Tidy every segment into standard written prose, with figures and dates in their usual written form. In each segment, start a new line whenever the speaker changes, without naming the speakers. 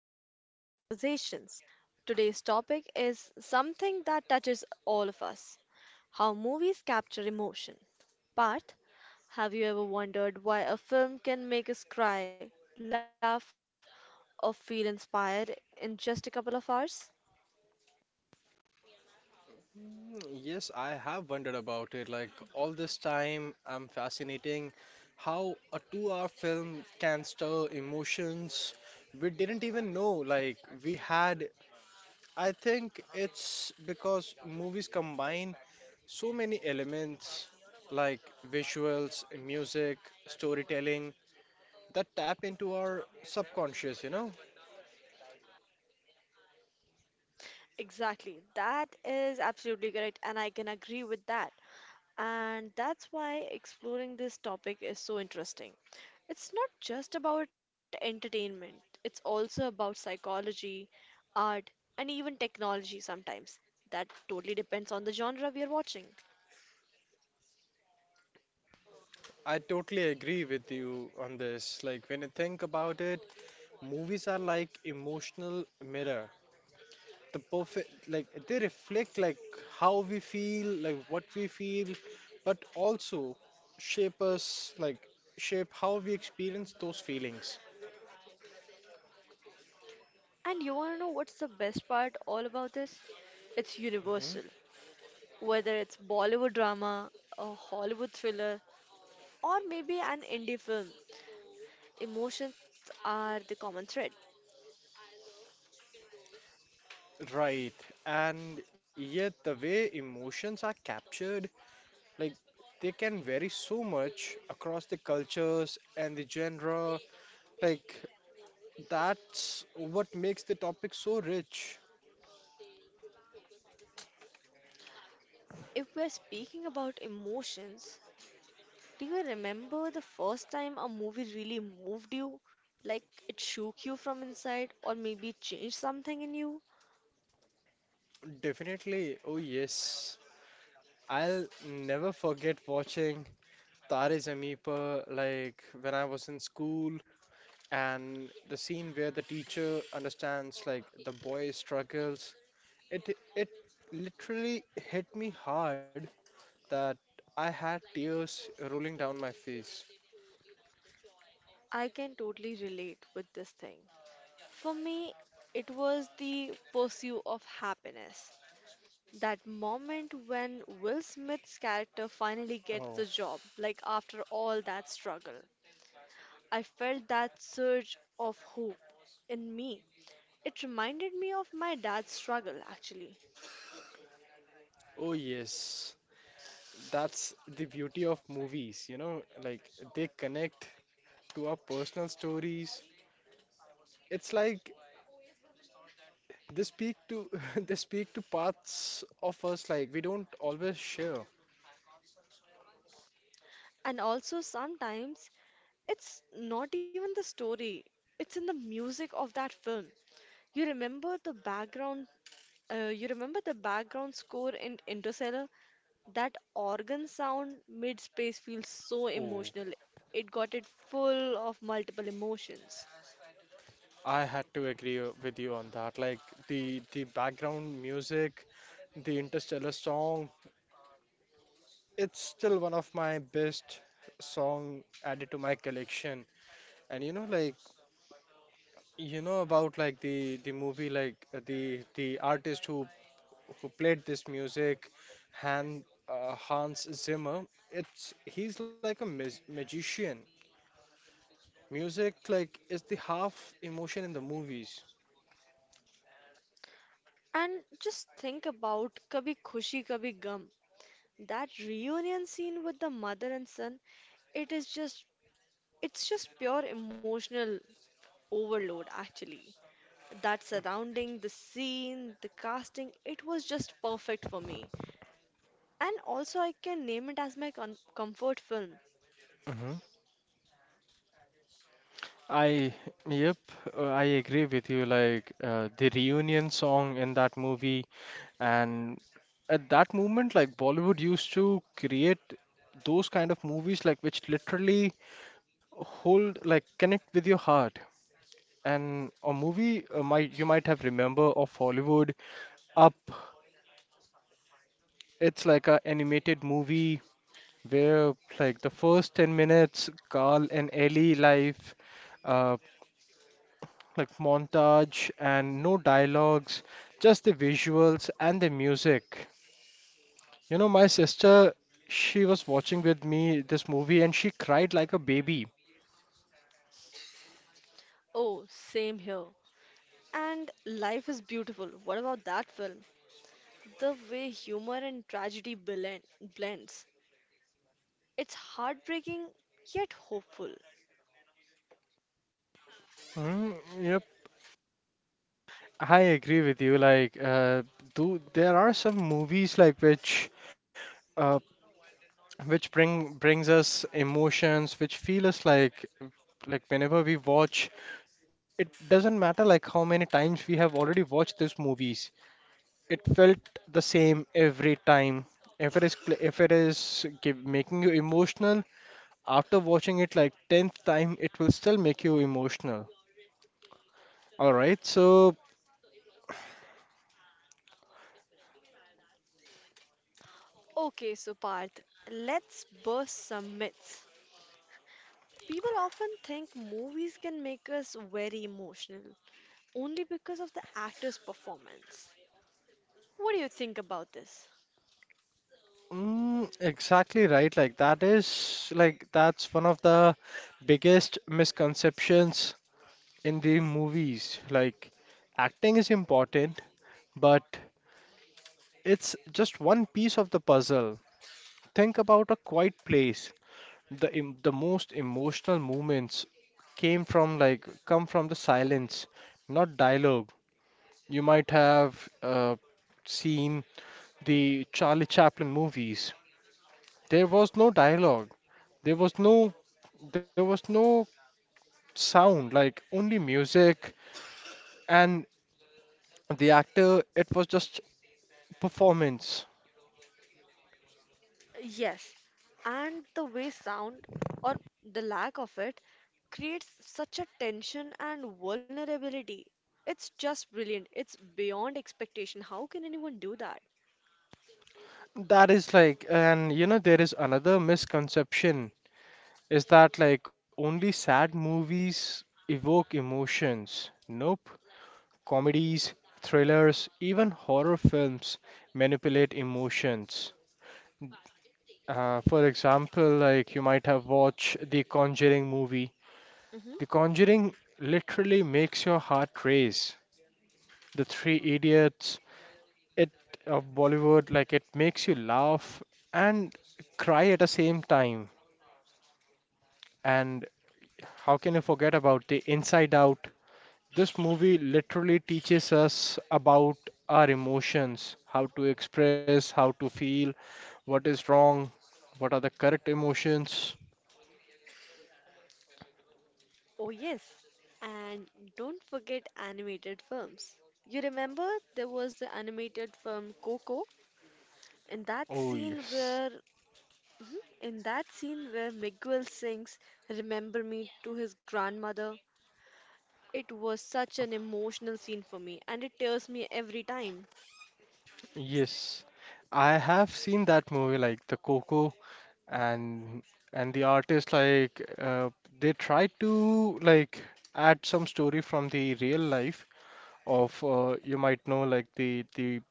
of Cinematic Conversations. Today's topic is something that touches all of us: how movies capture emotion. But have you ever wondered why a film can make us cry, laugh, or feel inspired in just a couple of hours?
Mm, Yes, I have wondered about it. Like all this time, I'm fascinating how a two-hour film can stir emotions we didn't even know. We had, I think it's because movies combine so many elements like visuals, music, storytelling that tap into our subconscious, you know?
Exactly, that is absolutely correct, and I can agree with that. And that's why exploring this topic is so interesting. It's not just about entertainment, it's also about psychology, art, and even technology sometimes. That totally depends on the genre we are watching.
I totally agree with you on this. Like when you think about it, movies are like emotional mirror. The perfect like they reflect like how we feel, like what we feel, but also shape us like shape how we experience those feelings.
And you wanna know what's the best part all about this? It's
Hmm.
universal. Whether it's Bollywood drama, a Hollywood thriller, or maybe an indie film, emotions are the common thread.
Right. And yet the way emotions are captured, like they can vary so much across the cultures and the genre. Like that's what makes the topic so rich.
If we're speaking about emotions, do you remember the first time a movie really moved you? Like it shook you from inside, or maybe changed something in you?
Definitely, oh yes. I'll never forget watching Tare Zameen Par like when I was in school and the scene where the teacher understands like the boy's struggles. It literally hit me hard that I had tears rolling down my face.
I can totally relate with this thing. For me, it was the pursuit of happiness. That moment when Will Smith's character finally
Oh,
gets the job, like after all that struggle. I felt that surge of hope in me. It reminded me of my dad's struggle, actually.
oh yes. That's the beauty of movies, you know, like they connect to our personal stories. It's like they speak to they speak to parts of us like we don't always share.
And also, sometimes it's not even the story, it's in the music of that film. You remember the background, you remember the background score in Interstellar? That organ sound mid space feels so
Oh,
emotional. It got it full of multiple emotions.
I had to agree with you on that. Like the background music, the Interstellar song, it's still one of my best song added to my collection. And you know, like you know about like the movie, like the artist who played this music, Hans Zimmer. It's He's like a magician. Music like is the half emotion in the movies.
And just think about Kabhi Khushi Kabhi Gum. That reunion scene with the mother and son, it is just it's just pure emotional overload, actually. That surrounding, the scene, the casting, it was just perfect for me. And also, I can name it as my comfort film.
Hmm. I, yep, I agree with you. Like the reunion song in that movie, and at that moment, like Bollywood used to create those kind of movies, like which literally hold, like connect with your heart. And a movie might you might have remember of Hollywood Up, it's like a animated movie where like the first 10 minutes, Carl and Ellie life, uh, like montage and no dialogues, just the visuals and the music. You know, my sister, she was watching with me this movie and she cried like a baby.
Oh, same here. And Life is Beautiful. What about that film? The way humor and tragedy blend, blends. It's heartbreaking yet hopeful.
Mm, yep, I agree with you. Like, do there are some movies like uh, which brings us emotions which feel us like whenever we watch it doesn't matter like how many times we have already watched these movies it felt the same every time if it is if it is give, making you emotional after watching it like 10th time it will still make you emotional all right so
Okay, so Parth, let's burst some myths. People often think movies can make us very emotional only because of the actor's performance. What do you think about this?
exactly right like that is like that's one of the biggest misconceptions in the movies, like acting is important, but it's just one piece of the puzzle. Think about a quiet place. The the most emotional moments came from like come from the silence, not dialogue. You might have seen the Charlie Chaplin movies. There was no dialogue. There was no there was no sound, like only music and the actor. It was just performance.
Yes, and the way sound or the lack of it creates such a tension and vulnerability. It's just brilliant. It's beyond expectation. How can anyone do that?
That is like, and you know, there is another misconception is that like only sad movies evoke emotions. Nope. Comedies, thrillers, even horror films manipulate emotions. For example, like you might have watched the Conjuring movie.
Hmm.
The Conjuring literally makes your heart race. The Three Idiots, it of Bollywood, like it makes you laugh and cry at the same time. And how can you forget about the Inside Out? This movie literally teaches us about our emotions, how to express, how to feel, what is wrong, what are the correct emotions.
Oh, yes. And don't forget animated films. You remember there was the animated film Coco? In that
Oh,
scene
yes.
where Mhm, in that scene where Miguel sings Remember Me to his grandmother. It was such an emotional scene for me, and it tears me every time.
Yes. I have seen that movie like the Coco and and the artist like they try to like add some story from the real life of you might know like the the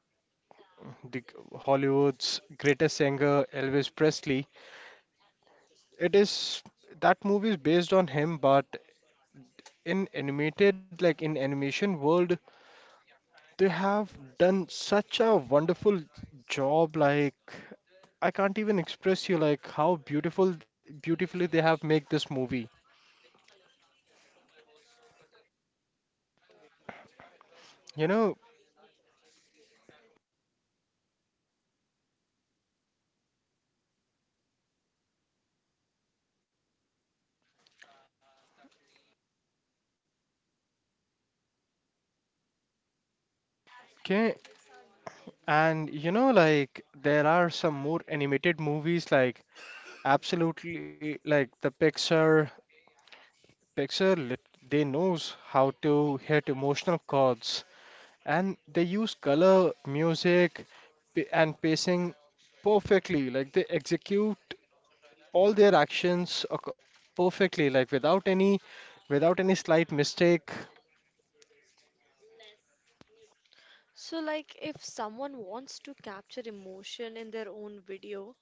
the Hollywood's greatest singer Elvis Presley. It is that movie is based on him, but in animated like in animation world, they have done such a wonderful job. Like I can't even express you like how beautifully they have made this movie. You know, okay, and you know like there are some more animated movies like absolutely like the Pixar picture they knows how to hit emotional chords and they use color music and pacing perfectly like they execute all their actions perfectly like without any without any slight mistake.
So, like, if someone wants to capture emotion in their own video,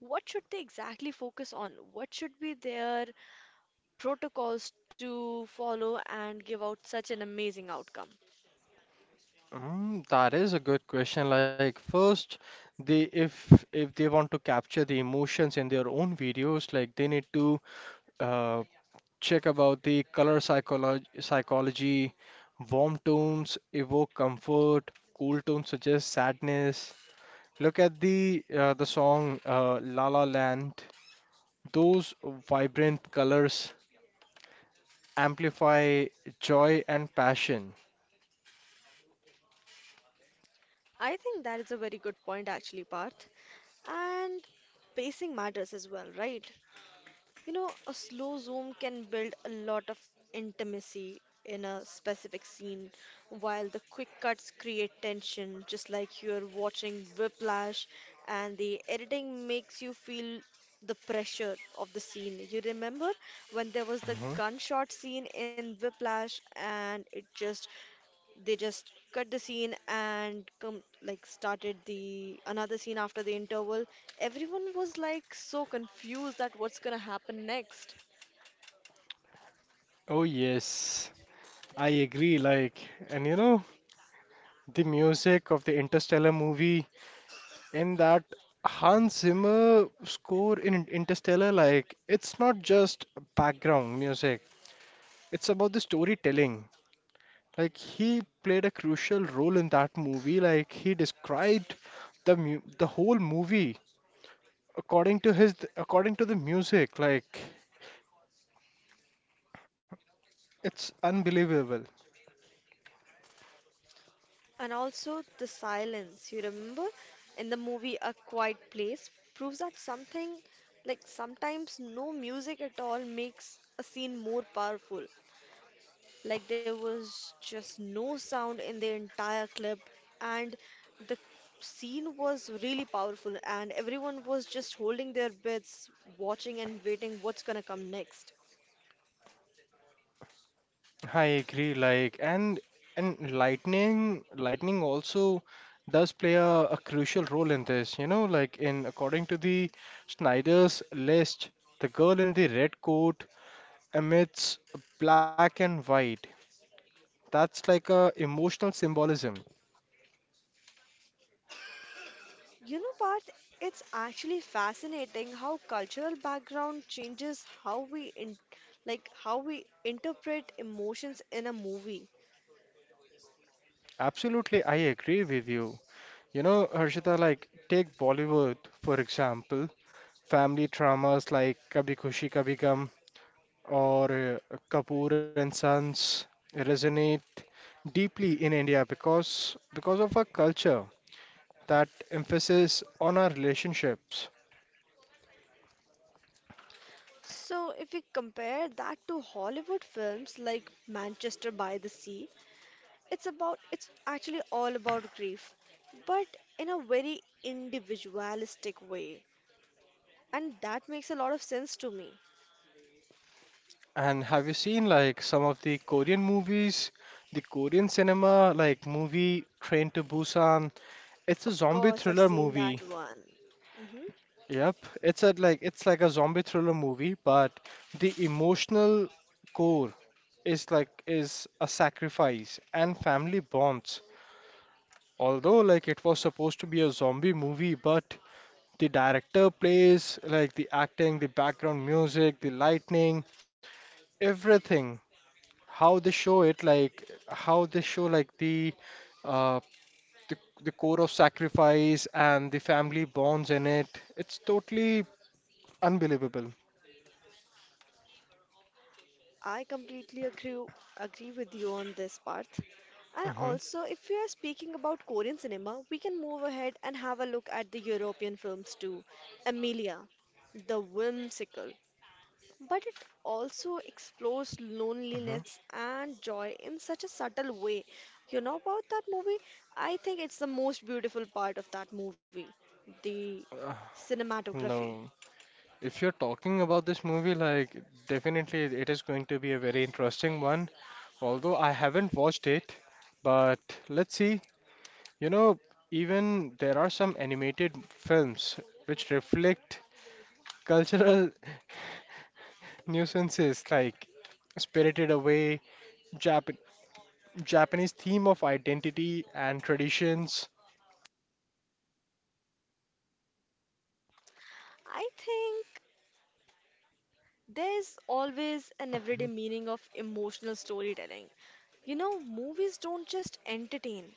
what should they exactly focus on? What should be their protocols to follow and give out such an amazing outcome?
That is a good question like first they if they want to capture the emotions in their own videos like they need to uh, check about the psychology. Warm tones evoke comfort, cool tones suggest sadness. Look at the song La La Land. Those vibrant colors amplify joy and passion.
I think that is a very good point, actually, Parth. And pacing matters as well, right? You know, a slow zoom can build a lot of intimacy in a specific scene, while the quick cuts create tension, just like you're watching Whiplash, and the editing makes you feel the pressure of the scene. You remember when there was the
Mhm.
gunshot scene in Whiplash, and it just they just cut the scene and come like started the another scene after the interval? Everyone was like so confused that what's gonna happen next.
Oh yes, I agree. Like, and you know, the music of the Interstellar movie in that Hans Zimmer score in Interstellar, like it's not just background music, it's about the storytelling. Like he played a crucial role in that movie. Like he described the whole movie according to his according to the music. Like it's unbelievable.
And also the silence, you remember? In the movie A Quiet Place proves that something like sometimes no music at all makes a scene more powerful. Like there was just no sound in the entire clip and the scene was really powerful and everyone was just holding their breaths, watching and waiting what's gonna come next.
I agree, like and lightning also does play a crucial role in this, you know, like in according to the Snyder's list, the girl in the red coat emits black and white. That's like a emotional symbolism.
You know, Parth, it's actually fascinating how cultural background changes how like how we interpret emotions in a movie.
Absolutely, I agree with you. You know, Harshita, like take Bollywood for example, family dramas like Kabhi Khushi Kabhi Gum or Kapoor and Sons resonate deeply in India because of our culture that emphasis on our relationships.
So if we compare that to Hollywood films like Manchester by the Sea, it's actually all about grief, but in a very individualistic way. And that makes a lot of sense to me.
And have you seen like some of the Korean movies, the Korean cinema like movie Train to Busan? It's a
Of
zombie
course, I've
thriller
seen
movie.
that one. Hmm.
Yep, it's a like it's like a zombie thriller movie, but the emotional core is like is a sacrifice and family bonds although like it was supposed to be a zombie movie but the director plays like the acting the background music the lightning everything how they show it like how they show like uh the, the core of sacrifice and the family bonds in it it's totally unbelievable.
I completely agree agree with you on this part. And
Hmm.
also, if we are speaking about Korean cinema, we can move ahead and have a look at the European films too. Amelia, The Whimsical. But it also explores
Hmm.
loneliness and joy in such a subtle way. You know about that movie? I think it's the most beautiful part of that movie, the
uh,
cinematography.
no. If you're talking about this movie, like definitely it is going to be a very interesting one. Although I haven't watched it, but let's see. You know, even there are some animated films which reflect cultural nuances like Spirited Away, Jap- Japanese theme of identity and traditions.
I think there's always an everyday meaning of emotional storytelling. You know, movies don't just entertain,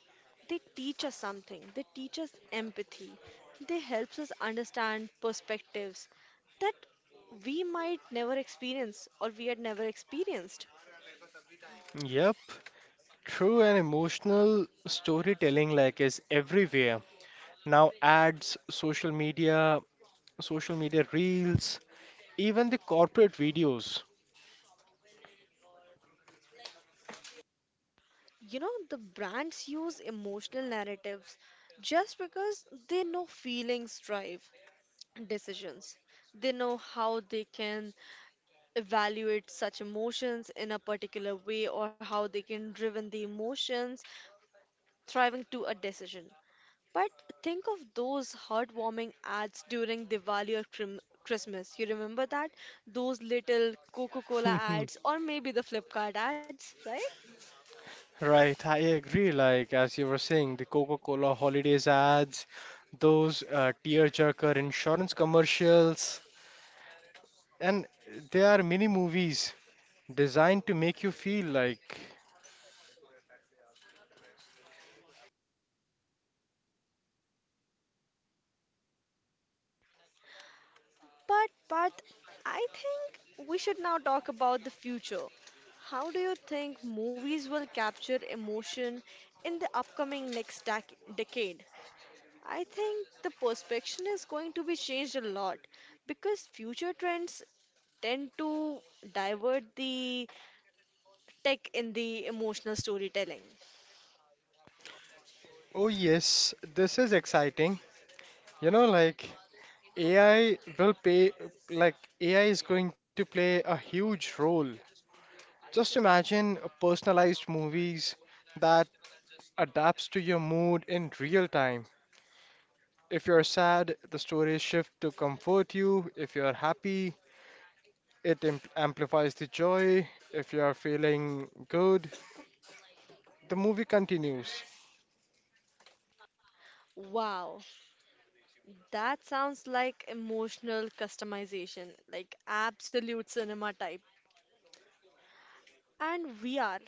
they teach us something. They teach us empathy. They helps us understand perspectives that we might never experience or we had never experienced.
Yep, true and emotional storytelling like is everywhere. Now ads, social media reels, even the corporate videos.
You know, the brands use emotional narratives just because they know feelings drive decisions. They know how they can evaluate such emotions in a particular way or how they can driven the emotions thriving to a decision. But think of those heartwarming ads during Diwali or Christmas. You remember that? Those little Coca Cola ads or maybe the Flipkart ads, right?
Right, I agree. Like as you were saying, the Coca-Cola holidays ads, those tearjerker insurance commercials, and there are many movies designed to make you feel like,
But I think we should now talk about the future. How do you think movies will capture emotion in the upcoming next decade? I think the perception is going to be changed a lot because future trends tend to divert the tech in the emotional storytelling.
oh yes, this is exciting. You know, like AI will pay, like AI is going to play a huge role. Just imagine personalized movies that adapts to your mood in real time. If you're sad, the stories shift to comfort you. If you're happy, it amplifies the joy. If you're feeling good, the movie continues.
Wow, that sounds like emotional customization, like absolute cinema type. And VR,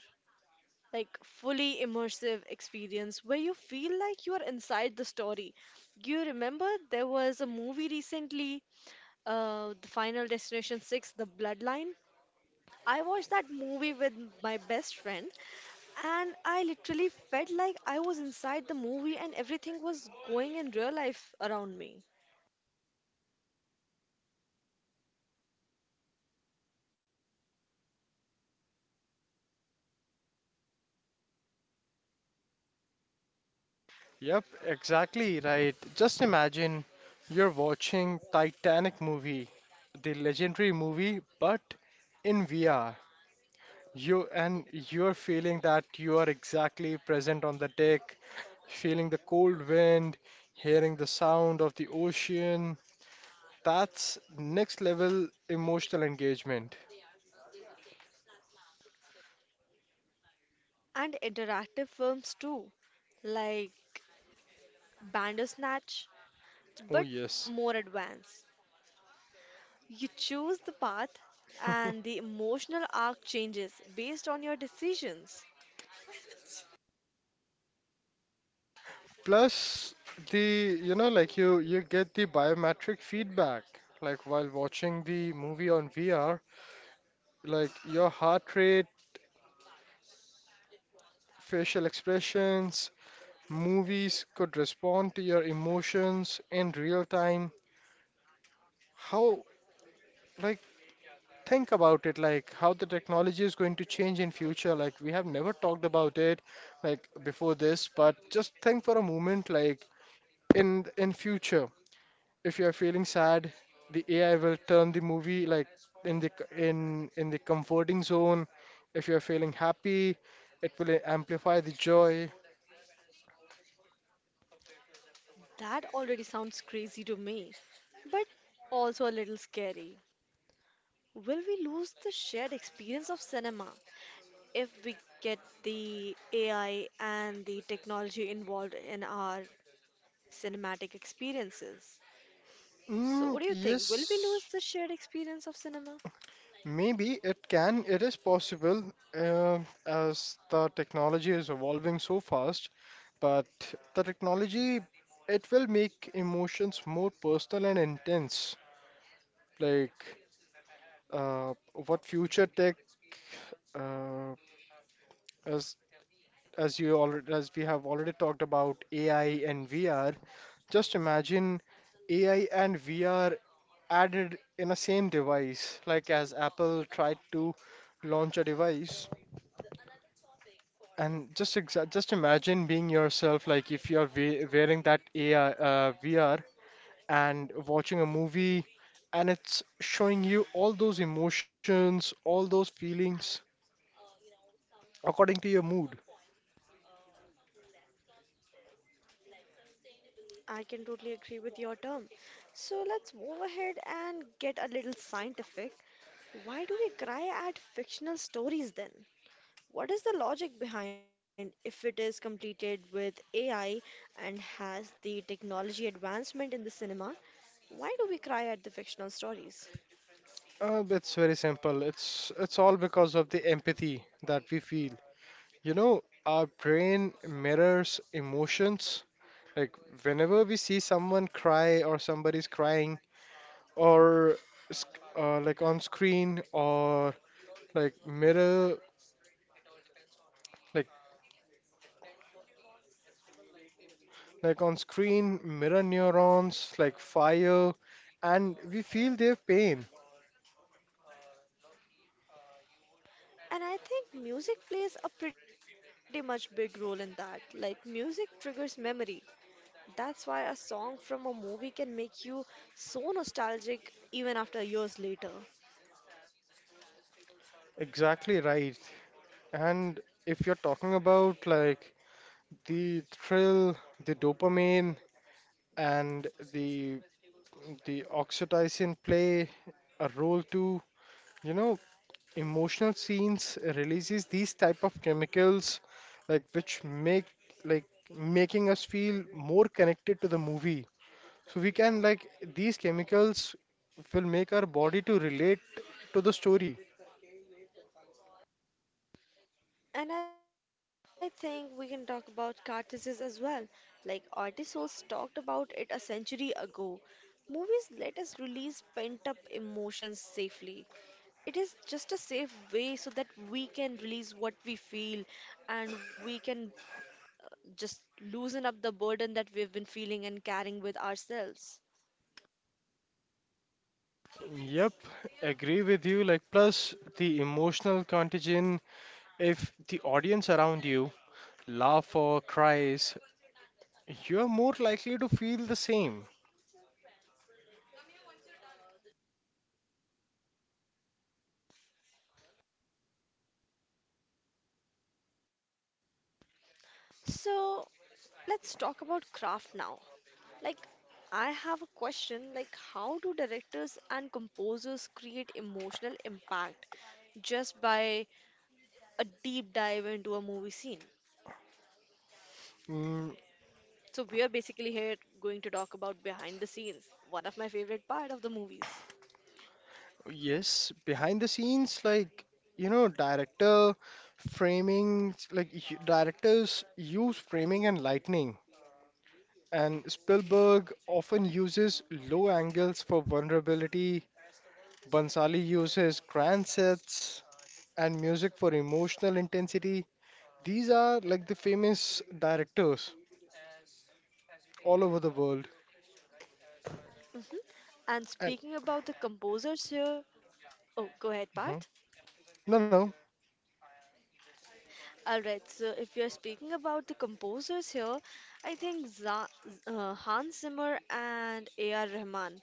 like fully immersive experience where you feel like you are inside the story. You remember there was a movie recently, The Final Destination 6, The Bloodline? I watched that movie with my best friend and I literally felt like I was inside the movie and everything was going in real life around me.
Yep, exactly right. Just imagine you're watching Titanic movie, the legendary movie, but in VR. You're feeling that you are exactly present on the deck, feeling the cold wind, hearing the sound of the ocean. That's next level emotional engagement.
And interactive films too, like Bandersnatch,
Oh,
but
yes.
more advanced. You choose the path, and the emotional arc changes based on your decisions.
Plus the, you know, like you get the biometric feedback. Like while watching the movie on VR, like your heart rate, facial expressions, movies could respond to your emotions in real time. How, like, think about it, like how the technology is going to change in future. Like we have never talked about it, like before this, but just think for a moment, like in future if you are feeling sad the ai will turn the movie like in the in the comforting zone if you are feeling happy it will amplify the joy.
That already sounds crazy to me, but also a little scary. Will we lose the shared experience of cinema if we get the AI and the technology involved in our cinematic experiences? So, what do you think? Will we
Yes,
lose the shared experience of cinema?
maybe it can it is possible uh, as the technology is evolving so fast but the technology it will make emotions more personal and intense like uh, what future tech uh, As as you already as we have already talked about AI and VR, just imagine AI and VR added in a same device, like as Apple tried to launch a device. And just imagine being yourself, like if you're we wearing that AI VR and watching a movie, and it's showing you all those emotions, all those feelings according to your mood.
I can totally agree with your term. So let's move ahead and get a little scientific. Why do we cry at fictional stories then? What is the logic behind if it is completed with AI and has the technology advancement in the cinema? Why do we cry at the fictional stories?
It's very simple. It's all because of the empathy that we feel. You know, our brain mirrors emotions. Like whenever we see someone cry or somebody's crying or like on screen or like mirror like like on screen mirror neurons like fire and we feel their pain.
And I think music plays a pretty much big role in that. Like music triggers memory. That's why a song from a movie can make you so nostalgic even after years later.
Exactly right. And if you're talking about like the thrill, the dopamine, and the oxytocin play a role too. You know, emotional scenes releases these type of chemicals, like which make like making us feel more connected to the movie. So we can like these chemicals will make our body to relate to the story.
And I think we can talk about catharsis as well. Like artists talked about it a century ago. Movies let us release pent up emotions safely. It is just a safe way so that we can release what we feel and we can just loosen up the burden that we've been feeling and carrying with ourselves.
Yep, agree with you. Like, plus the emotional contagion, if the audience around you laugh or cries, you're more likely to feel the same.
So let's talk about craft now. Like, I have a question like, how do directors and composers create emotional impact just by a deep dive into a movie scene?
Mm,
So, we are basically here going to talk about behind the scenes, one of my favorite part of the movies.
yes, behind the scenes, like, you know, director framing, like, directors use framing and lightning. And Spielberg often uses low angles for vulnerability. Bansali uses grand sets and music for emotional intensity. These are like the famous directors all over the world.
Hmm. And
And
speaking about the composers here, oh, go ahead,
uh
Parth.
no,
All right, so if you're speaking about the composers here, I think Hans Zimmer and A.R. Rahman.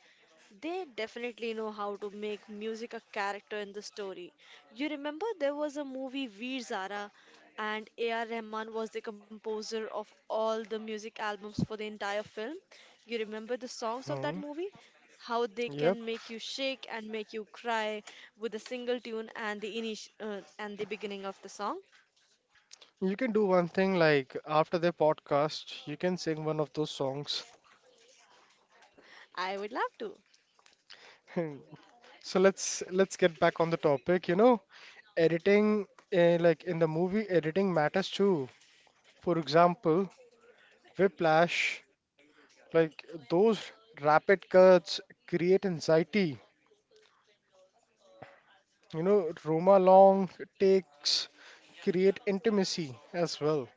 They definitely know how to make music a character in the story. You remember there was a movie Veer Zara and A.R. Rahman was the composer of all the music albums for the entire film. You remember the songs of
no.
that movie? How they
Yep.
can make you shake and make you cry with a single tune and the and the beginning of the song?
You can do one thing like after the podcast, you can sing one of those songs.
I would love to.
So let's get back on the topic. You know, editing like in the movie, editing matters too. For example, Whiplash, like those rapid cuts create anxiety. You know, Roma long takes create intimacy as well.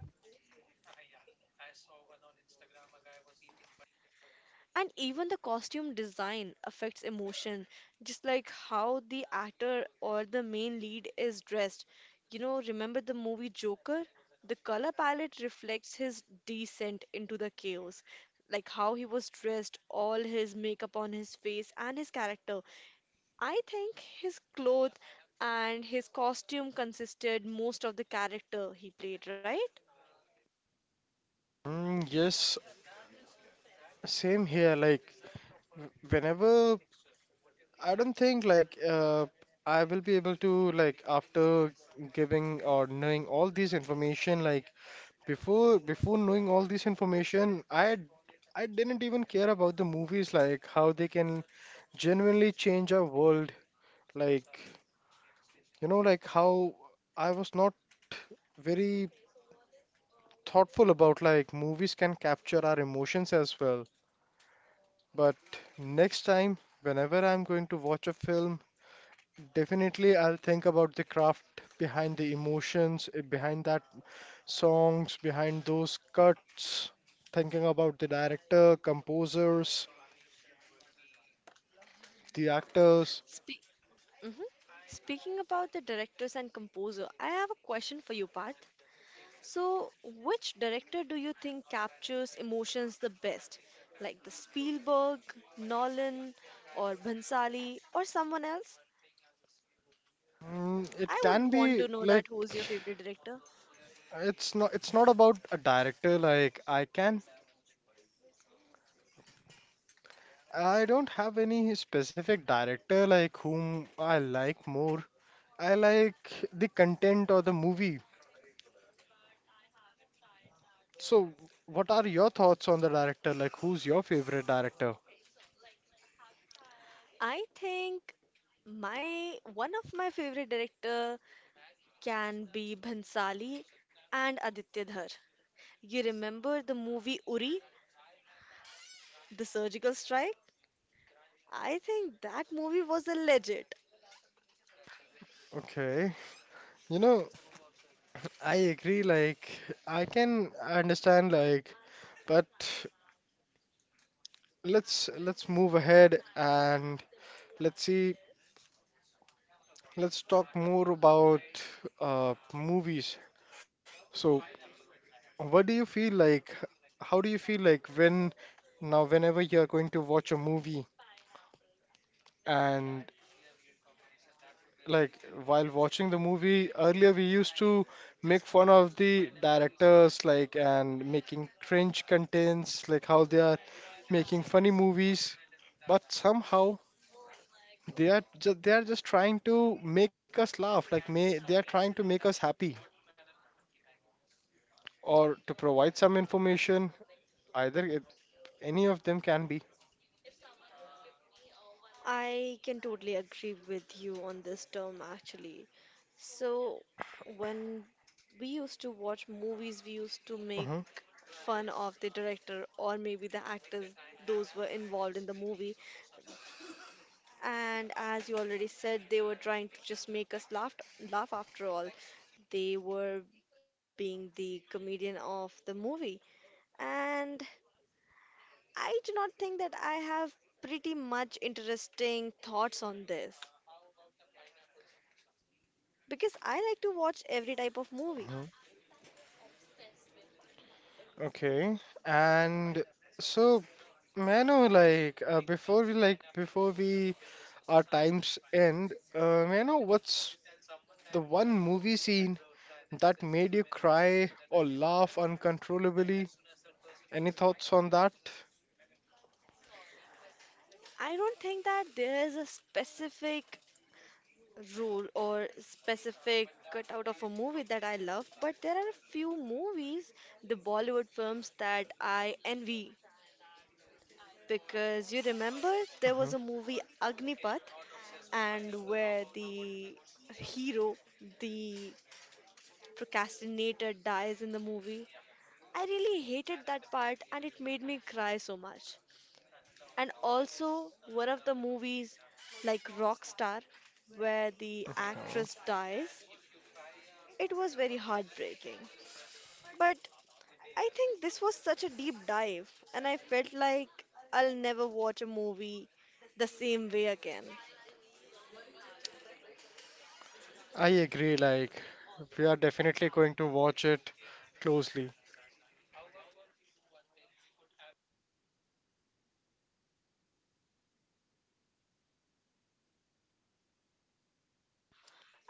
And even the costume design affects emotion, just like how the actor or the main lead is dressed. You know, remember the movie Joker? The color palette reflects his descent into the chaos, like how he was dressed, all his makeup on his face, and his character. I think his clothes and his costume consisted most of the character he played, right?
Yes, same here. Like whenever I don't think like I will be able to like after giving or knowing all this information like before knowing all this information I didn't even care about the movies like how they can genuinely change our world like you know like how I was not very thoughtful about like movies can capture our emotions as well, but next time whenever I'm going to watch a film, definitely I'll think about the craft behind the emotions, behind that songs, behind those cuts, thinking about the director, composers, the actors.
Spe- Mhm. Speaking about the directors and composer, I have a question for you, Parth. So, which director do you think captures emotions the best? Like the Spielberg, Nolan, or Bhansali, or someone else?
It
I
can
would want to
be
know that who's
like
your favorite director.
it's not about a director, like I can, I don't have any specific director like whom I like more. I like the content or the movie. So, what are your thoughts on the director? Like, who's your favorite director?
I think my one of my favorite director can be Bhansali and Aditya Dhar. You remember the movie Uri, the surgical strike? I think that movie was a legend.
Okay. You know, I agree, like I can understand, like, but let's move ahead and let's see, let's talk more about movies. So what do you feel like how do you feel like when now whenever you are going to watch a movie and like while watching the movie earlier we used to make fun of the directors like and making cringe contents like how they are making funny movies, but somehow they are just trying to make us laugh. Like may they are trying to make us happy or to provide some information. Either it, any of them can be.
I can totally agree with you on this term actually. So, when we used to watch movies, we used to
hmm
make fun of the director or maybe the actors, those were involved in the movie. And as you already said, they were trying to just make us laugh, laugh after all. They were being the comedian of the movie. And I do not think that I have pretty much interesting thoughts on this, because I like to watch every type of movie.
hmm Okay, and so may I know like before we our times end, may I know what's the one movie scene that made you cry or laugh uncontrollably? Any thoughts on that?
I don't think that there is a specific rule or specific cutout of a movie that I love, but there are a few movies, the Bollywood films that I envy. Because you remember there was a movie Agnipath, and where the hero, the procrastinator, dies in the movie. I really hated that part and it made me cry so much. And also one of the movies like Rockstar where the
Okay.
actress dies. It was very heartbreaking. But I think this was such a deep dive and I felt like I'll never watch a movie the same way again.
I agree, like, we are definitely going to watch it closely.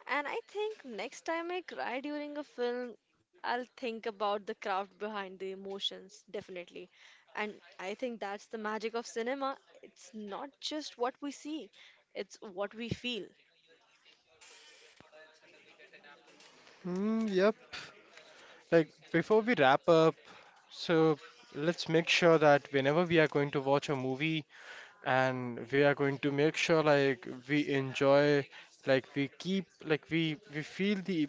And I think next time I cry during a film, I'll think about the craft behind the emotions, definitely. And I think that's the magic of cinema. It's not just what we see, it's what we feel.
Yep. Like, before we wrap up, so let's make sure that whenever we are going to watch a movie and we are going to make sure, like, we enjoy, like, we keep, like, we feel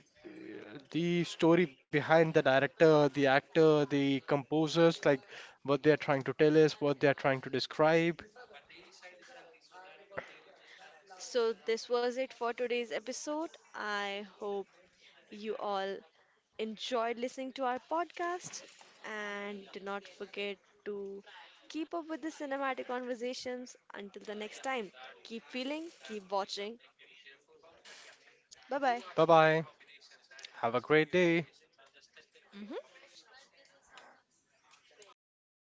the story behind the director, the actor, the composers, like what they are trying to tell us, what they are trying to describe.
So, this was it for today's episode. I hope you all enjoyed listening to our podcast and do not forget to keep up with the cinematic conversations. Until the next time, keep feeling, keep watching. Bye bye.
Bye bye. Have a great day.
Mhm.